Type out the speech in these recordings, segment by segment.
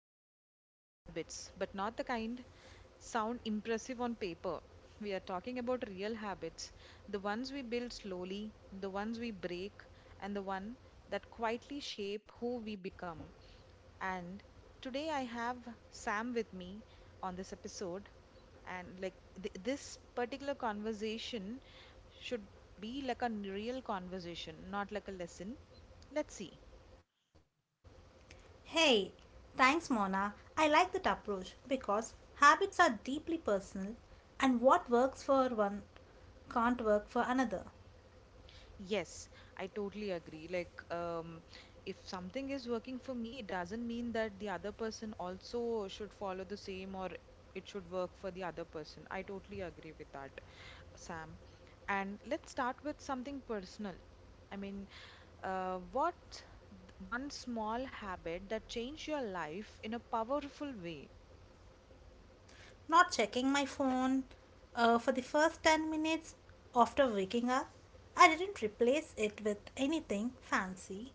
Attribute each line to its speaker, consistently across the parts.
Speaker 1: episode is about habits, but not the kind sound impressive on paper. We are talking about real habits, the ones we build slowly, the ones we break, and the one that quietly shape who we become. And today I have Sam with me on this episode and like this particular conversation should be like a real conversation, not like a lesson. Let's see.
Speaker 2: Hey, thanks Mona. I like that approach because habits are deeply personal, and what works for one can't work for another.
Speaker 1: Yes, I totally agree. If something is working for me, it doesn't mean that the other person also should follow the same or it should work for the other person. I totally agree with that, Sam. And let's start with something personal. I mean, what one small habit that changed your life in a powerful way?
Speaker 2: Not checking my phone for the first 10 minutes after waking up, I didn't replace it with anything fancy.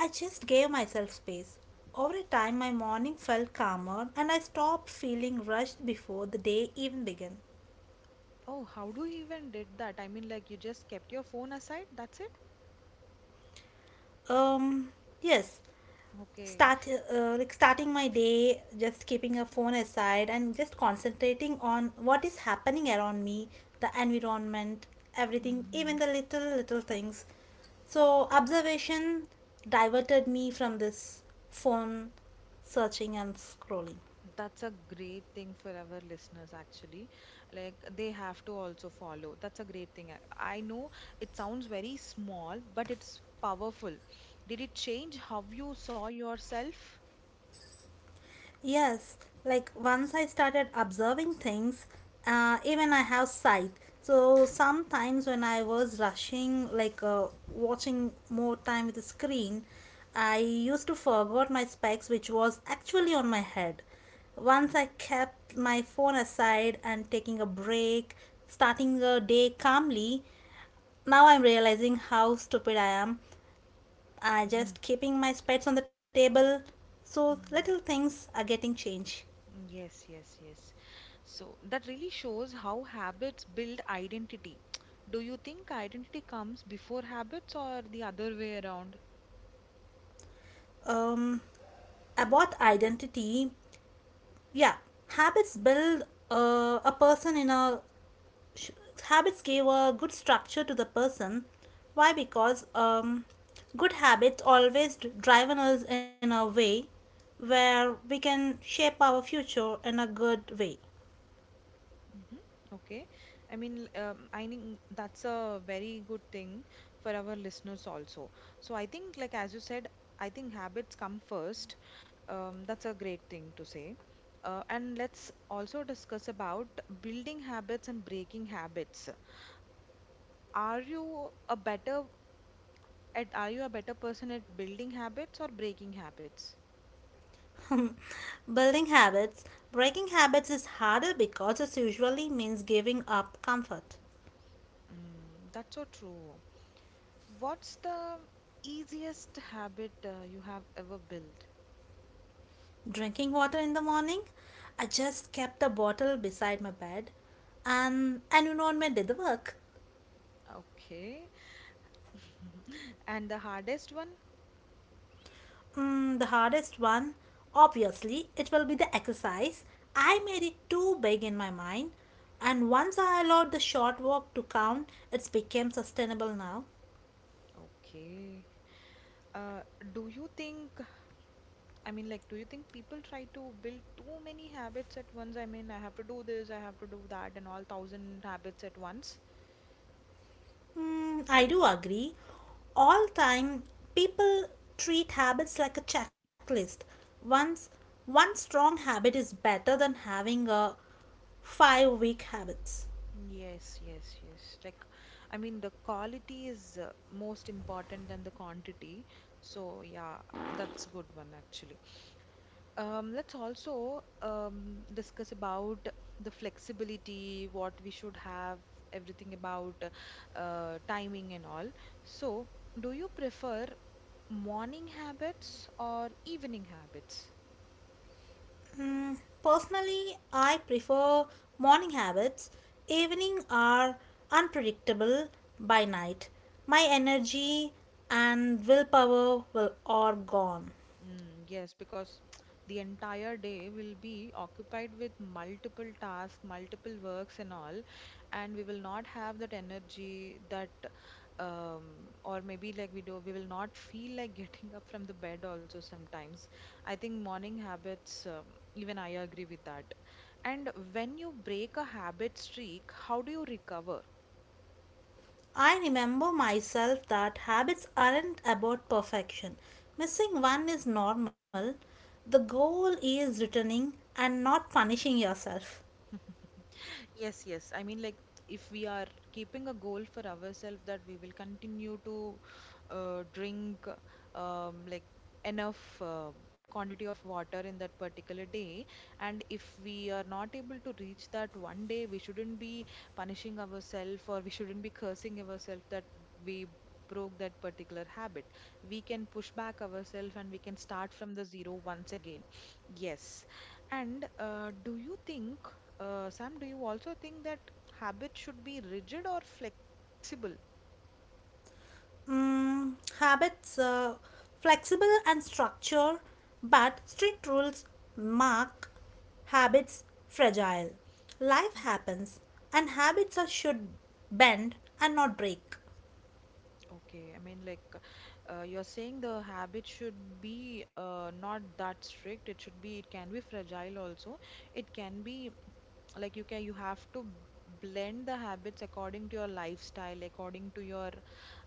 Speaker 2: I just gave myself space. Over a time, my morning felt calmer, and I stopped feeling rushed before the day even began.
Speaker 1: Oh, how do you even did that? I mean, like you just kept your phone aside? That's it?
Speaker 2: Um, yes,
Speaker 1: Okay.
Speaker 2: start like starting my day just keeping a phone aside and just concentrating on what is happening around me, the environment, everything, even
Speaker 1: Mhm.
Speaker 2: the little little things, so observation diverted me from this phone searching and scrolling.
Speaker 1: That's a great thing for our listeners, actually. Like, they have to also follow. That's a great thing. I know it sounds very small, but it's powerful. Did it change how you saw yourself?
Speaker 2: Yes, like once I started observing things, even I have sight. So sometimes when I was rushing, like watching more time with the screen, I used to forgot my specs, which was actually on my head. Once I kept my phone aside and taking a break, starting the day calmly, now I'm realizing how stupid I am. I
Speaker 1: Mhm.
Speaker 2: just keeping my specs on the table, so
Speaker 1: Mm.
Speaker 2: little things are getting changed.
Speaker 1: Yes, yes, yes. So that really shows how habits build identity. Do you think identity comes before habits or the other way around?
Speaker 2: um, about identity, yeah, habits build a person in a sh- habits give a good structure to the person. Why? Because good habits always drive on us in a way where we can shape our future in a good way.
Speaker 1: Mhm. Okay. I think that's a very good thing for our listeners also. So I think, like as you said, I think habits come first. That's a great thing to say. And let's also discuss about building habits and breaking habits. Are you a better are you a better person at building habits or breaking habits?
Speaker 2: Building habits. Breaking habits is harder because it usually means giving up comfort.
Speaker 1: Mm, that's so true. What's the easiest habit you have ever built?
Speaker 2: Drinking water in the morning. I just kept the bottle beside my bed, and an environment did the work.
Speaker 1: Okay. And the hardest one?
Speaker 2: Mm, the hardest one, obviously, it will be the exercise. I made it too big in my mind, and once I allowed the short walk to count, it's became sustainable now.
Speaker 1: Okay. Uh, do you think, I mean, like, do you think people try to build too many habits at once? I mean, I have to do this, I have to do that, and all thousand habits at once?
Speaker 2: Mm, I do agree. All time, people treat habits like a checklist. Once one strong habit is better than having a five weak habits.
Speaker 1: Yes, yes, yes. Like, I mean, the quality is most important than the quantity. So, yeah, that's good one actually. Let's also discuss about the flexibility, what we should have, everything about timing and all. So, do you prefer morning habits or evening habits?
Speaker 2: Mm, personally, I prefer morning habits. Evening are unpredictable. By night, my energy and willpower will are gone.
Speaker 1: Mm, yes, because the entire day will be occupied with multiple tasks, multiple works, and all, and we will not have that energy that, or maybe like we will not feel like getting up from the bed also sometimes. I think morning habits, even I agree with that. And when you break a habit streak, how do you recover?
Speaker 2: I remember myself that habits aren't about perfection. Missing one is normal. The goal is returning and not punishing yourself.
Speaker 1: Yes, yes. I mean, like, if we are keeping a goal for ourselves that we will continue to drink like enough quantity of water in that particular day, and if we are not able to reach that one day, we shouldn't be punishing ourselves or we shouldn't be cursing ourselves that we broke that particular habit. We can push back ourselves and we can start from the zero once again. Yes. And do you think? Sam, do you also think that habit should be rigid or flexible?
Speaker 2: Mm, habits flexible and structure, but strict rules mark habits fragile. Life happens, and habits are should bend and not break.
Speaker 1: Okay, I mean, like you're saying the habit should be not that strict. It should be, it can be fragile also. It can be like you have to blend the habits according to your lifestyle, according to your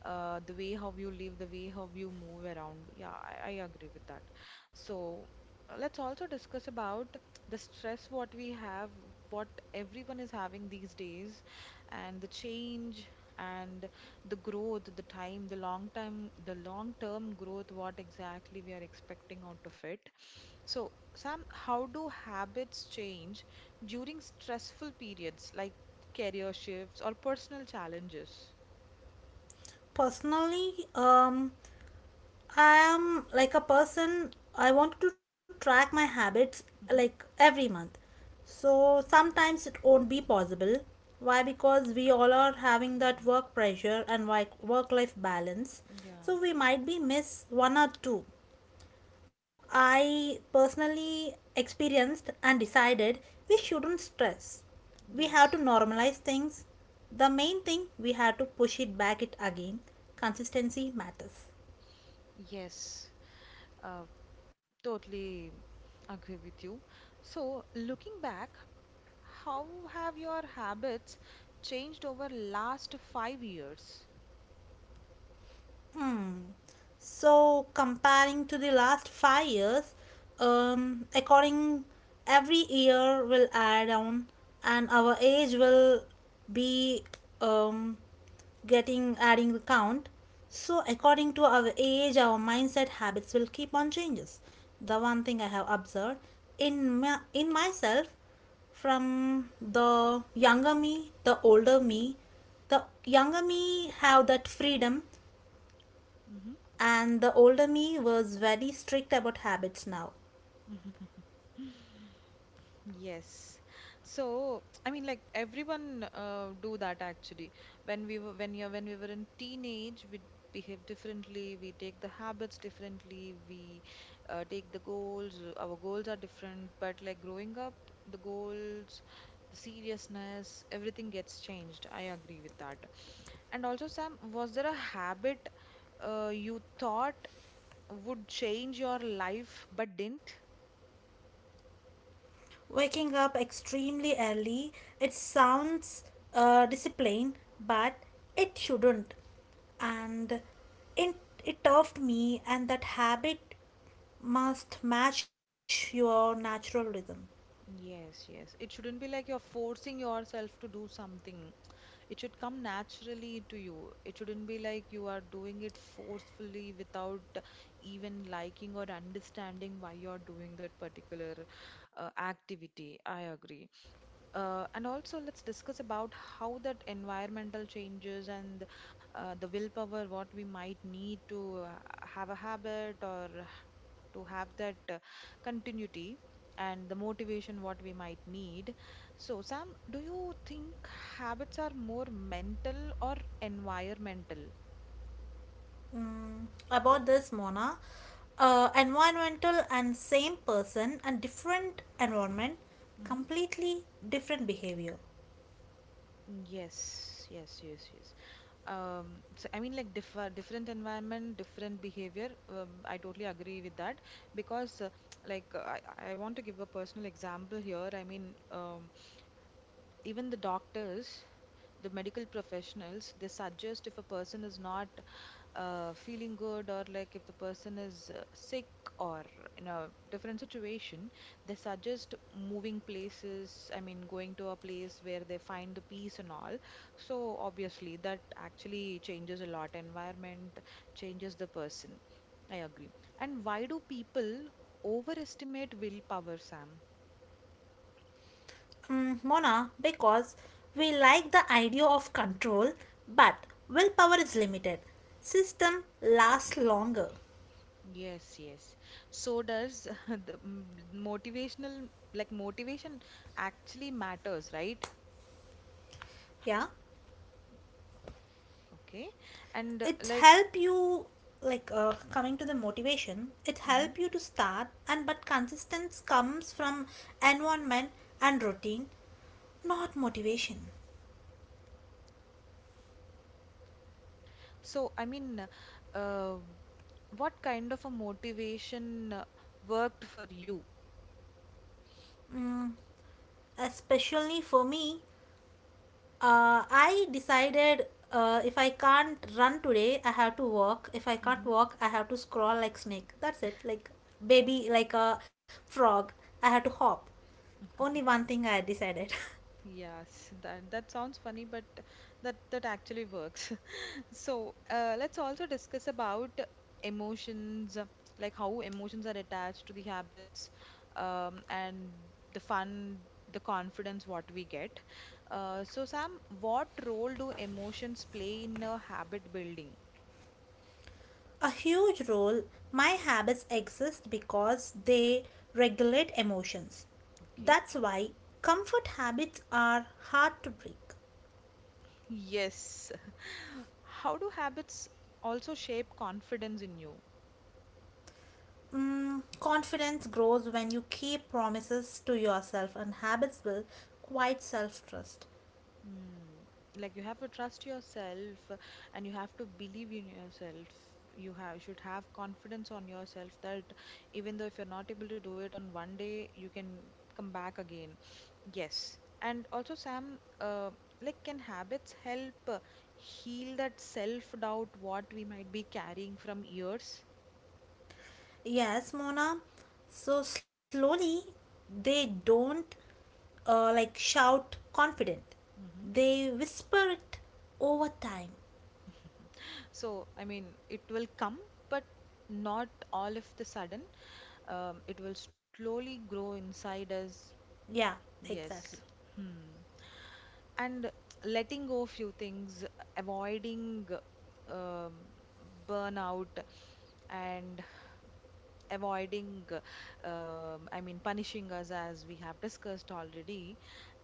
Speaker 1: the way how you live, the way how you move around. Yeah, I agree with that. So let's also discuss about the stress what we have, what everyone is having these days, and the change and the growth, the time, the long term growth, what exactly we are expecting out of it. So, Sam, how do habits change during stressful periods like career shifts or personal challenges.
Speaker 2: Personally, I am like a person, I want to track my habits like
Speaker 1: Hmm.
Speaker 2: every month. So sometimes it won't be possible. Why? Because we all are having that work pressure and like work life balance.
Speaker 1: Yeah,
Speaker 2: So we might be miss one or two. I personally experienced and decided we shouldn't stress. We have to
Speaker 1: yes,
Speaker 2: normalize things. The main thing, we have to push it back it again. Consistency matters.
Speaker 1: yes, uh, totally agree with you. So, looking back, how have your habits changed over last 5 years?
Speaker 2: Hmm. So comparing to the last 5 years, according every year will add on, and our age will be um, getting adding the count. So according to our age, our mindset habits will keep on changes. The one thing I have observed in in myself, from the younger me, the older me, the younger me have that freedom,
Speaker 1: Hmm.
Speaker 2: and the older me was very strict about habits now.
Speaker 1: Yes. So, I mean, like everyone do that actually. When we were in teenage, we behave differently, we take the habits differently, we take the goals, our goals are different, but like growing up, the goals, the seriousness, everything gets changed. I agree with that. And also, Sam, was there a habit you thought would change your life but didn't?
Speaker 2: Waking up extremely early, it sounds disciplined, but it shouldn't. And it, it taught me, and that habit must match your natural rhythm.
Speaker 1: Yes, yes. It shouldn't be like you're forcing yourself to do something. It should come naturally to you. It shouldn't be like you are doing it forcefully without even liking or understanding why you're doing that particular activity. I agree. And also, let's discuss about how that environmental changes and the willpower, what we might need to have a habit or to have that continuity and the motivation what we might need. So, Sam, do you think habits are more mental or environmental?
Speaker 2: Mm, about this, Mona, environmental and same person and different environment,
Speaker 1: Hmm.
Speaker 2: completely different behavior.
Speaker 1: Yes, yes, yes, yes. So I mean, like different environment, different behavior. I totally agree with that because, like, I want to give a personal example here. Even the doctors the medical professionals they suggest if a person is not feeling good or like if the person is sick or in a different situation they suggest moving places, I mean going to a place where they find the peace and all. So obviously that actually changes a lot, environment changes the person. I agree. And why do people overestimate willpower, Sam?
Speaker 2: Mm, Mona, because we like the idea of control, but willpower is limited. System lasts longer.
Speaker 1: Yes, yes. So does the motivational, like motivation actually matters, right?
Speaker 2: Yeah,
Speaker 1: Okay. And
Speaker 2: it
Speaker 1: like,
Speaker 2: help you like coming to the motivation. It
Speaker 1: mhm.
Speaker 2: help you to start, and but consistency comes from environment and routine, not motivation.
Speaker 1: So I mean, uh, what kind of a motivation worked for you?
Speaker 2: Especially for me, I decided if I can't run today, I have to walk. If I can't
Speaker 1: Hmm.
Speaker 2: walk, I have to crawl like snake. That's it. Like baby, like a frog. I have to hop. Only one thing I decided.
Speaker 1: Yes, that sounds funny, but that actually works. So, let's also discuss about emotions, like how emotions are attached to the habits, and the fun, the confidence what we get. So, Sam, what role do emotions play in habit building?
Speaker 2: A huge role. My habits exist because they regulate emotions.
Speaker 1: Okay.
Speaker 2: That's why comfort habits are hard to break.
Speaker 1: Yes. How do habits also shape confidence in you?
Speaker 2: Mm, confidence grows when you keep promises to yourself, and habits build quite self trust.
Speaker 1: Mm, like you have to trust yourself and you have to believe in yourself. You have should have confidence on yourself that even though if you're not able to do it on one day, you can come back again. Yes. And also, Sam, like can habits help heal that self-doubt what we might be carrying from years?
Speaker 2: Yes, Mona. So slowly, they don't like shout confident.
Speaker 1: Hmm.
Speaker 2: They whisper it over time.
Speaker 1: So, I mean, it will come, but not all of the sudden. It will slowly grow inside us.
Speaker 2: Yeah, exactly.
Speaker 1: Yes. Hmm. And letting go few things, avoiding um, burnout and avoiding, I mean, punishing us as we have discussed already.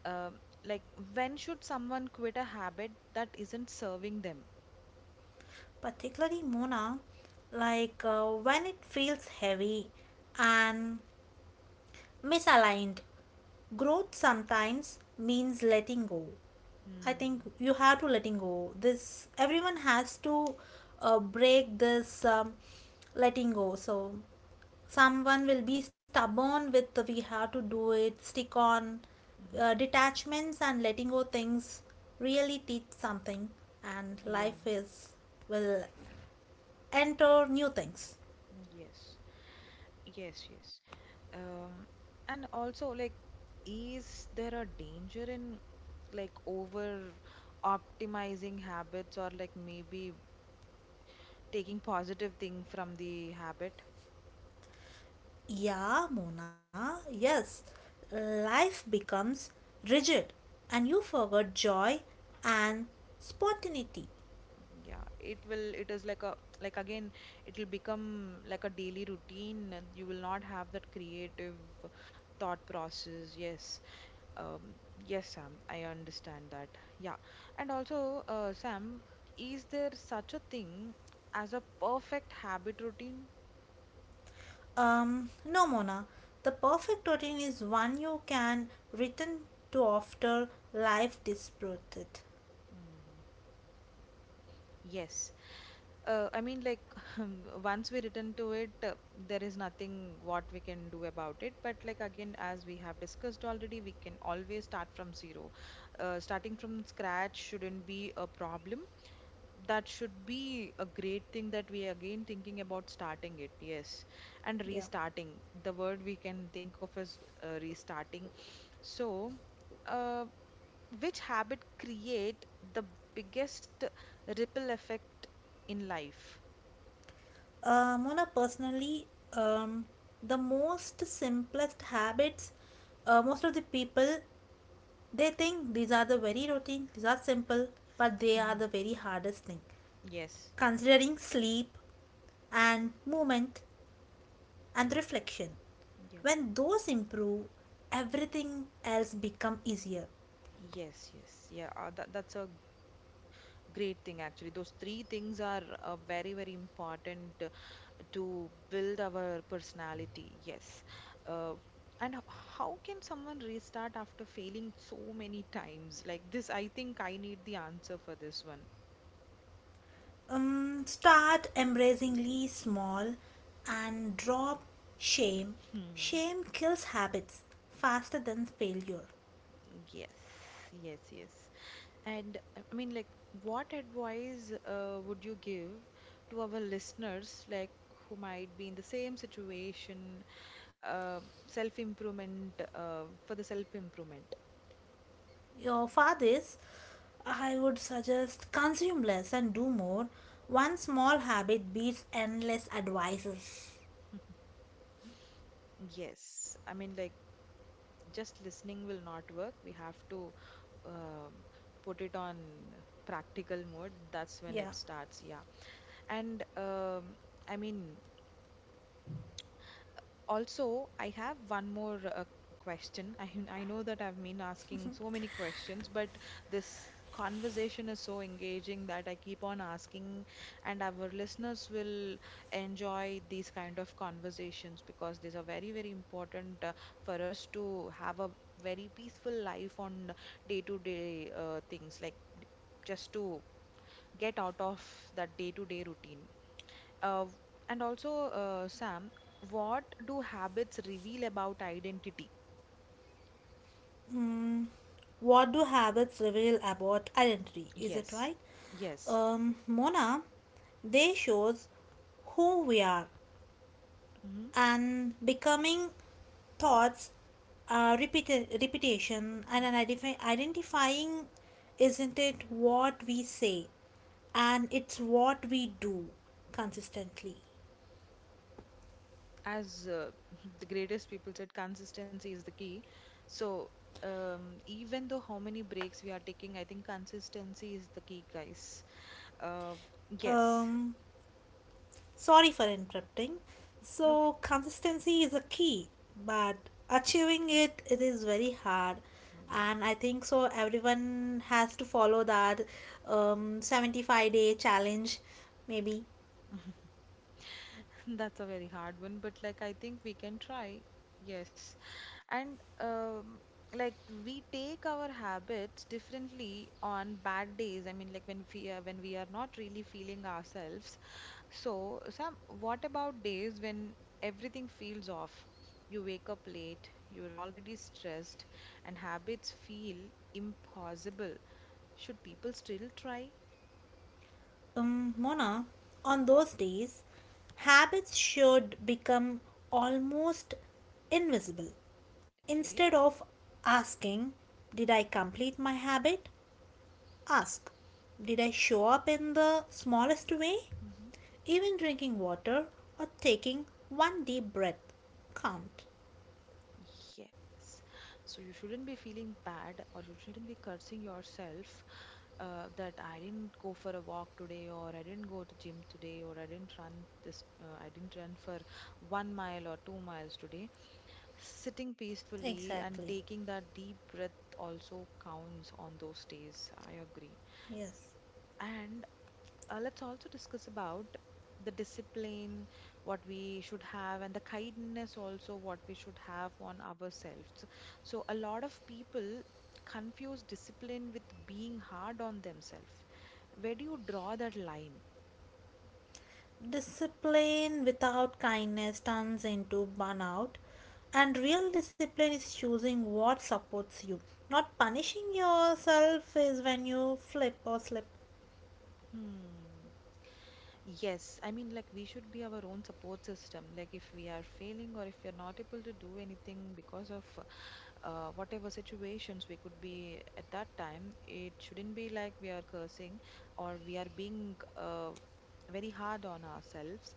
Speaker 1: Um, like, when should someone quit a habit that isn't serving them?
Speaker 2: Particularly Mona, like when it feels heavy and misaligned. Growth sometimes means letting go. I think
Speaker 1: Mm.
Speaker 2: you have to letting go. This everyone has to break this letting go. So someone will be stubborn with the we have to do it stick on
Speaker 1: Hmm.
Speaker 2: detachments and letting go things really teach something, and
Speaker 1: Yeah.
Speaker 2: life is will enter new things.
Speaker 1: Yes. Yes, yes. Um, and also, like, is there a danger in like over optimizing habits or like maybe taking positive thing from the habit?
Speaker 2: Yeah Mona, yes, life becomes rigid, and you forgot joy and spontaneity.
Speaker 1: Yeah, it will, it is like a, like again, it will become like a daily routine and you will not have that creative thought process. Yes. um yes, Sam, I understand that. Yeah. And also Sam, is there such a thing as a perfect habit routine?
Speaker 2: No Mona, the perfect routine is one you can return to after life disrupted.
Speaker 1: Hmm. Yes. I mean, like, once we return to it, there is nothing what we can do about it. But, like, again, as we have discussed already, we can always start from zero. Starting from scratch shouldn't be a problem. That should be a great thing that we are again thinking about starting it, yes. And
Speaker 2: Yeah.
Speaker 1: restarting. The word we can think of as restarting. So, uh, which habit create the biggest ripple effect in life?
Speaker 2: Mona, personally, um, the most simplest habits, most of the people, they think these are the very routine, these are simple, but they are
Speaker 1: Hmm.
Speaker 2: the very hardest thing.
Speaker 1: Yes.
Speaker 2: Considering sleep and movement and reflection,
Speaker 1: Yeah.
Speaker 2: when those improve, everything else become easier.
Speaker 1: Yes, yes. Yeah, that that's a great thing actually. Those three things are very, very important to build our personality. Yes. Uh, and how can someone restart after failing so many times? Like this, I think I need the answer for this one.
Speaker 2: Start embracingly small and drop shame.
Speaker 1: Hmm.
Speaker 2: Shame kills habits faster than failure.
Speaker 1: Yes. Yes, yes. And I mean, like, what advice would you give to our listeners, like who might be in the same situation uh, self improvement for the self improvement?
Speaker 2: Of all this, I would suggest consume less and do more. One small habit beats endless advices.
Speaker 1: Yes, I mean like just listening will not work, we have to um put it on practical mode, that's when
Speaker 2: Yeah.
Speaker 1: it starts. Yeah. And i mean also, I have one more question. I know that I've been asking so many questions, but this conversation is so engaging that I keep on asking, and our listeners will enjoy these kind of conversations because these are very, very important for us to have a very peaceful life on day-to-day things, like just to get out of that day-to-day routine. Uh, and also, Sam, what do habits reveal about identity?
Speaker 2: Mm, what do habits reveal about identity? Is it
Speaker 1: Yes,
Speaker 2: right?
Speaker 1: yes.
Speaker 2: Mona, they shows who we are
Speaker 1: Hmm.
Speaker 2: and becoming thoughts repeated repetition and an identifying, isn't it what we say, and it's what we do consistently.
Speaker 1: As the greatest people said, consistency is the key. So, even though how many breaks we are taking, I think consistency is the key, guys. Uh, yes,
Speaker 2: Um, sorry for interrupting.
Speaker 1: no
Speaker 2: So,
Speaker 1: problem.
Speaker 2: consistency is a key, but achieving it is very hard,
Speaker 1: Yeah,
Speaker 2: and I think so. Everyone has to follow that 75-day challenge, maybe.
Speaker 1: that's a very hard one, but like I think we can try. Yes. And like we take our habits differently on bad days. I mean, like when we are not really feeling ourselves. So, some what about days when everything feels off? You wake up late, you're already stressed, and habits feel impossible. Should people still try?
Speaker 2: Mona, on those days, habits should become almost invisible. Instead
Speaker 1: Okay.
Speaker 2: of asking, did I complete my habit? Ask, did I show up in the smallest way?
Speaker 1: Hmm.
Speaker 2: Even drinking water or taking one deep breath count.
Speaker 1: Yes. So you shouldn't be feeling bad or you shouldn't be cursing yourself that I didn't go for a walk today, or I didn't go to gym today, or I didn't run this, I didn't run for 1 mile or 2 miles today. Sitting peacefully
Speaker 2: Exactly.
Speaker 1: and taking that deep breath also counts on those days. I agree.
Speaker 2: Yes.
Speaker 1: And let's also discuss about the discipline, what we should have, and the kindness also what we should have on ourselves. So a lot of people confuse discipline with being hard on themselves. Where do you draw that line?
Speaker 2: Discipline without kindness turns into burnout, and real discipline is choosing what supports you. Not punishing yourself is when you flip or slip.
Speaker 1: Hmm. Yes, I mean, like, we should be our own support system. Like, if we are failing or if we are not able to do anything because of whatever situations we could be at that time, it shouldn't be like we are cursing or we are being very hard on ourselves.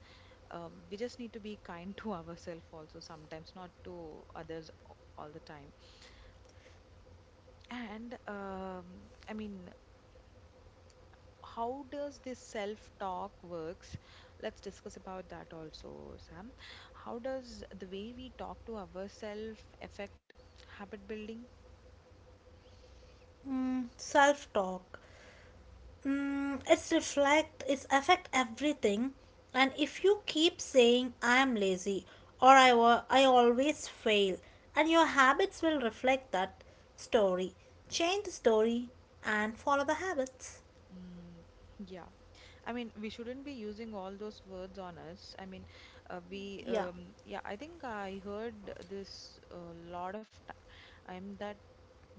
Speaker 1: We just need to be kind to ourselves also sometimes, not to others all the time. And I mean, how does this self-talk works? Let's discuss about that also, Sam. How does the way we talk to ourselves affect habit building?
Speaker 2: Mm, self talk. Mm, it's reflect, it's affect everything. And if you keep saying, I am lazy or I always fail, and your habits will reflect that story. Change the story and follow the habits.
Speaker 1: Mm, yeah, I mean, we shouldn't be using all those words on us. I mean,
Speaker 2: Yeah,
Speaker 1: yeah, I think I heard this a lot of time that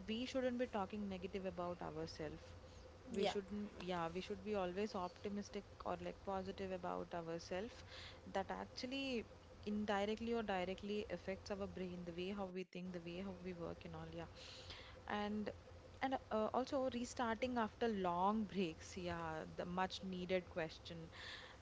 Speaker 1: we shouldn't be talking negative about ourselves. We
Speaker 2: yeah.
Speaker 1: shouldn't, yeah, we should be always optimistic or like positive about ourselves. That actually indirectly or directly affects our brain, the way how we think, the way how we work and all. Yeah. And and uh, also restarting after long breaks, yeah, the much needed question.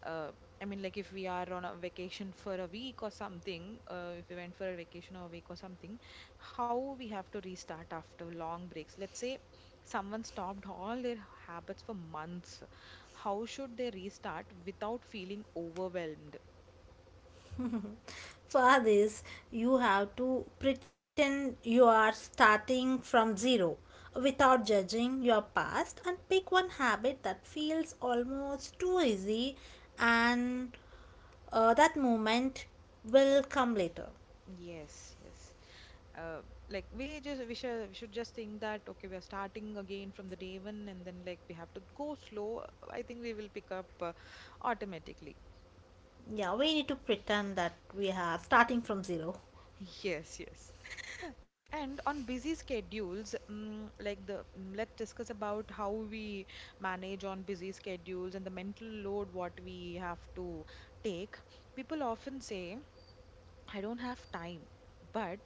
Speaker 1: uh, I mean, like if we are on a vacation for a week or something, if we went for a vacation or a week or something, how we have to restart after long breaks. Let's say someone stopped all their habits for months. How should they restart without feeling overwhelmed?
Speaker 2: For this, you have to pretend you are starting from zero without judging your past, and pick one habit that feels almost too easy, and that moment will come later.
Speaker 1: Yes, yes. Uh, like we should just think that okay, we are starting again from the day one, and then like we have to go slow. I think we will pick up automatically.
Speaker 2: Yeah, we need to pretend that we are starting from zero.
Speaker 1: Yes, yes. And on busy schedules, let's discuss about how we manage on busy schedules and the mental load what we have to take. People often say, I don't have time, but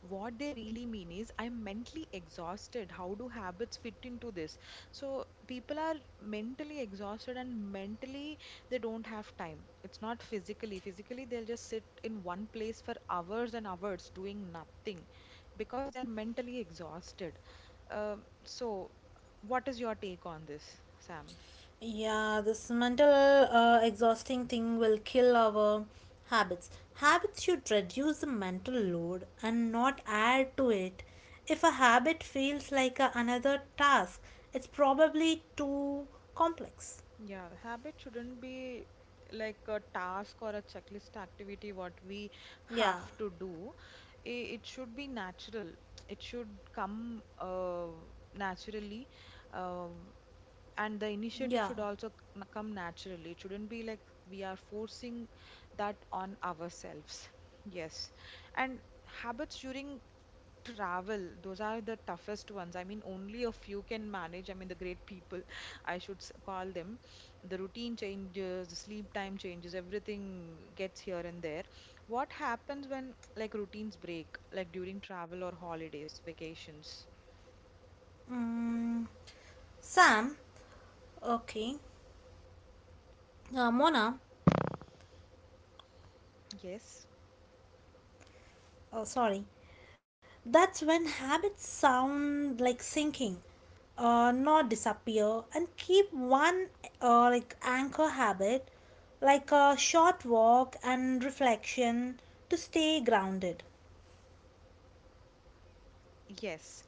Speaker 1: what they really mean is I'm mentally exhausted. How do habits fit into this? So people are mentally exhausted and mentally they don't have time. It's not physically, they'll just sit in one place for hours and hours doing nothing because they're mentally exhausted. Um so what is your take on this, Sam?
Speaker 2: Yeah, this mental exhausting thing will kill our habits. Habits should reduce the mental load and not add to it. If a habit feels like another task, it's probably too complex.
Speaker 1: Yeah, habit shouldn't be like a task or a checklist activity what we
Speaker 2: Yeah,
Speaker 1: have to do. It should be natural. It should come naturally, um, and the initiative
Speaker 2: yeah.
Speaker 1: should also come naturally. It shouldn't be like we are forcing that on ourselves. Yes. And habits during travel, those are the toughest ones. I mean, only a few can manage. I mean, the great people, I should call them. The routine changes, the sleep time changes, everything gets here and there. What happens when like routines break, like during travel or holidays, vacations?
Speaker 2: Mm, Sam, okay. Mona,
Speaker 1: Yes,
Speaker 2: oh, sorry. That's when habits sound like sinking. Uh, not disappear, and keep one like anchor habit like a short walk and reflection to stay grounded.
Speaker 1: yes.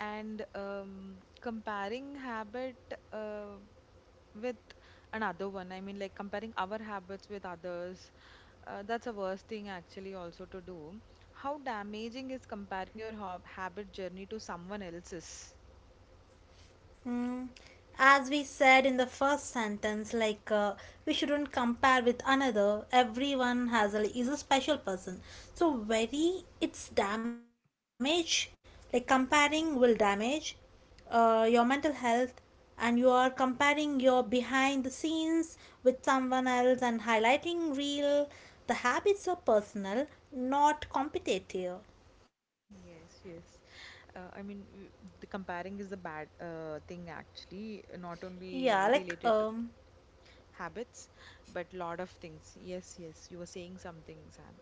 Speaker 1: And comparing habit uh, with another one, I mean, like comparing our habits with others, that's a worst thing actually also to do. How damaging is comparing your hob habit journey to someone else's?
Speaker 2: Mm, as we said in the first sentence, like we shouldn't compare with another. Everyone has a is a special person. So very it's damage. Like comparing will damage your mental health, and you are comparing your behind the scenes with someone else and highlighting real. The habits are personal, not competitive.
Speaker 1: Yes, yes. I mean, the comparing is the bad thing actually, not
Speaker 2: Yeah,
Speaker 1: only
Speaker 2: like
Speaker 1: related to
Speaker 2: um,
Speaker 1: habits, but lot of things. Yes, yes. You were saying something, Sam.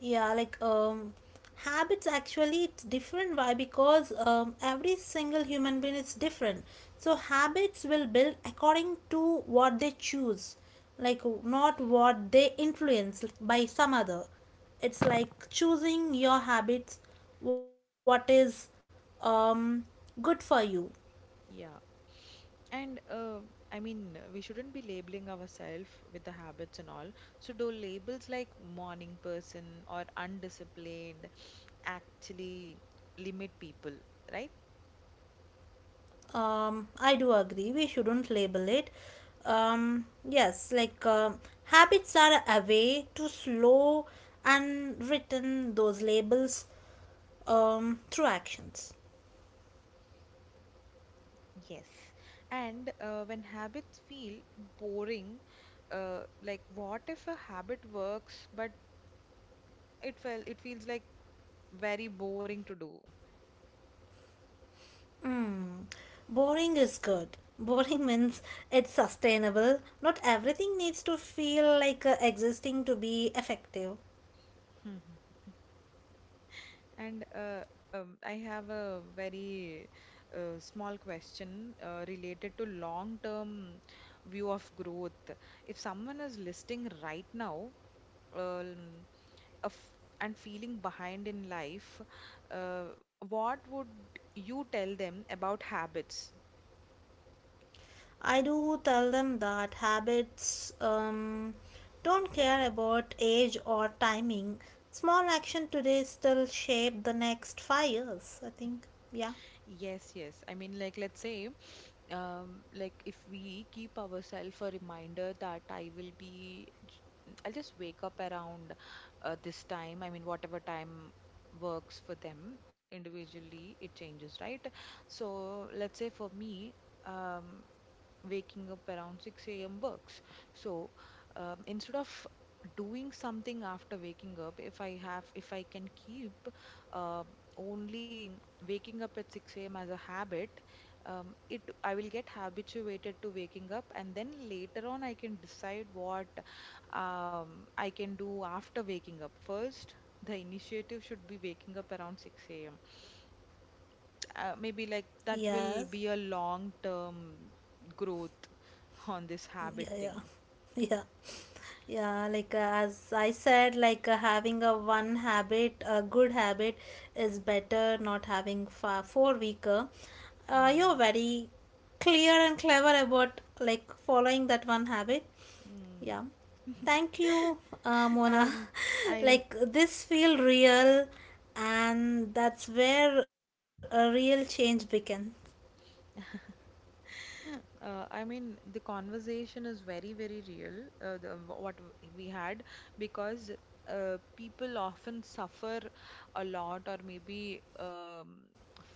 Speaker 2: Yeah, like habits actually it's different. Why? Because every single human being is different. So habits will build according to what they choose, like not what they influence like, by some other. It's like choosing your habits, what is um good for you.
Speaker 1: Yeah. And we shouldn't be labeling ourselves with the habits and all. So, do labels like morning person or undisciplined actually limit people, right?
Speaker 2: I do agree. We shouldn't label it. Yes, like habits are a way to slow and written those labels through actions.
Speaker 1: Yes. And when habits feel boring, like what if a habit works but it feels like very boring to do?
Speaker 2: Hmm. Boring is good. Boring means it's sustainable. Not everything needs to feel like existing to be effective.
Speaker 1: And I have a very small question related to long-term view of growth. If someone is listing right now, um, a f and feeling behind in life, uh, what would you tell them about habits?
Speaker 2: I do tell them that habits don't care about age or timing. Small action today still shape the next 5 years. I think. Yeah.
Speaker 1: Yes, yes. I mean, like, let's say, like, if we keep ourselves a reminder that I will be, I'll just wake up around this time. I mean, whatever time works for them individually, it changes, right? So, let's say for me, um, waking up around 6 a.m. works. So instead of doing something after waking up, if I can keep uh, only waking up at 6 a.m. as a habit, it I will get habituated to waking up, and then later on I can decide what I can do after waking up. First, the initiative should be waking up around 6 a.m, maybe like that will
Speaker 2: Yes.
Speaker 1: be a long term growth on this habit
Speaker 2: Yeah. Yeah.
Speaker 1: thing.
Speaker 2: Yeah. Yeah. Like as I said, like having a one habit, a good habit, is better not having four weaker. You're
Speaker 1: Mm.
Speaker 2: very clear and clever about like following that one habit.
Speaker 1: Mm.
Speaker 2: Yeah. Thank you, Mona.
Speaker 1: Um, I
Speaker 2: Like this feel real, and that's where a real change begins.
Speaker 1: yeah. I mean, the conversation is very, very real, the, what w- we had, because people often suffer a lot or maybe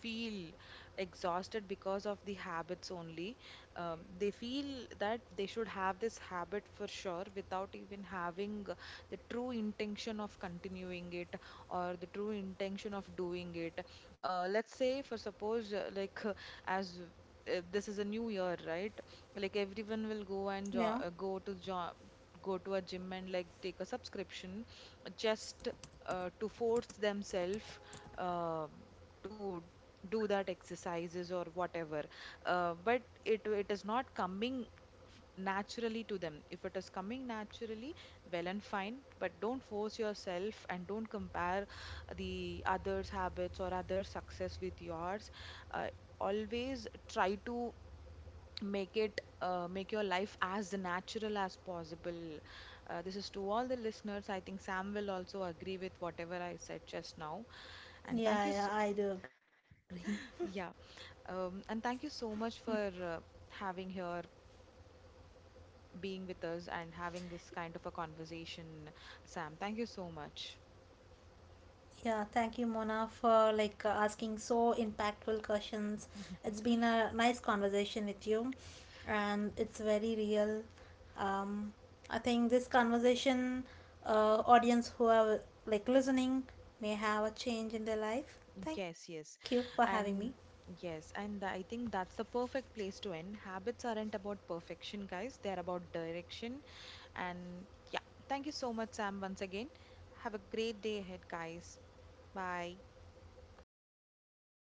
Speaker 1: feel exhausted because of the habits only. They feel that they should have this habit for sure without even having the true intention of continuing it or the true intention of doing it. Let's say, for suppose, as if this is a new year, right? Like everyone will go and
Speaker 2: Yeah.
Speaker 1: jo go to jo go to a gym and like take a subscription just to force themselves uh, to do that exercises or whatever. But it is not coming naturally to them. If it is coming naturally, well and fine, but don't force yourself and don't compare the others' habits or other success with yours. Uh, always try to make it make your life as natural as possible. This is to all the listeners. I think Sam will also agree with whatever I said just now. And thank you
Speaker 2: Yeah,
Speaker 1: so,
Speaker 2: yeah, I do agree.
Speaker 1: yeah, and thank you so much for having here, being with us and having this kind of a conversation. Sam, thank you so much.
Speaker 2: Yeah, thank you, Mona, for like asking so impactful questions. It's been a nice conversation with you, and it's very real. Um, I think this conversation, audience who are like listening, may have a change in their life. Thank you
Speaker 1: Yes,
Speaker 2: for
Speaker 1: yes.
Speaker 2: having me.
Speaker 1: And yes, and I think that's the perfect place to end. Habits aren't about perfection, guys. They're about direction. And yeah, thank you so much, Sam, once again. Have a great day ahead, guys. Bye.
Speaker 2: Yeah.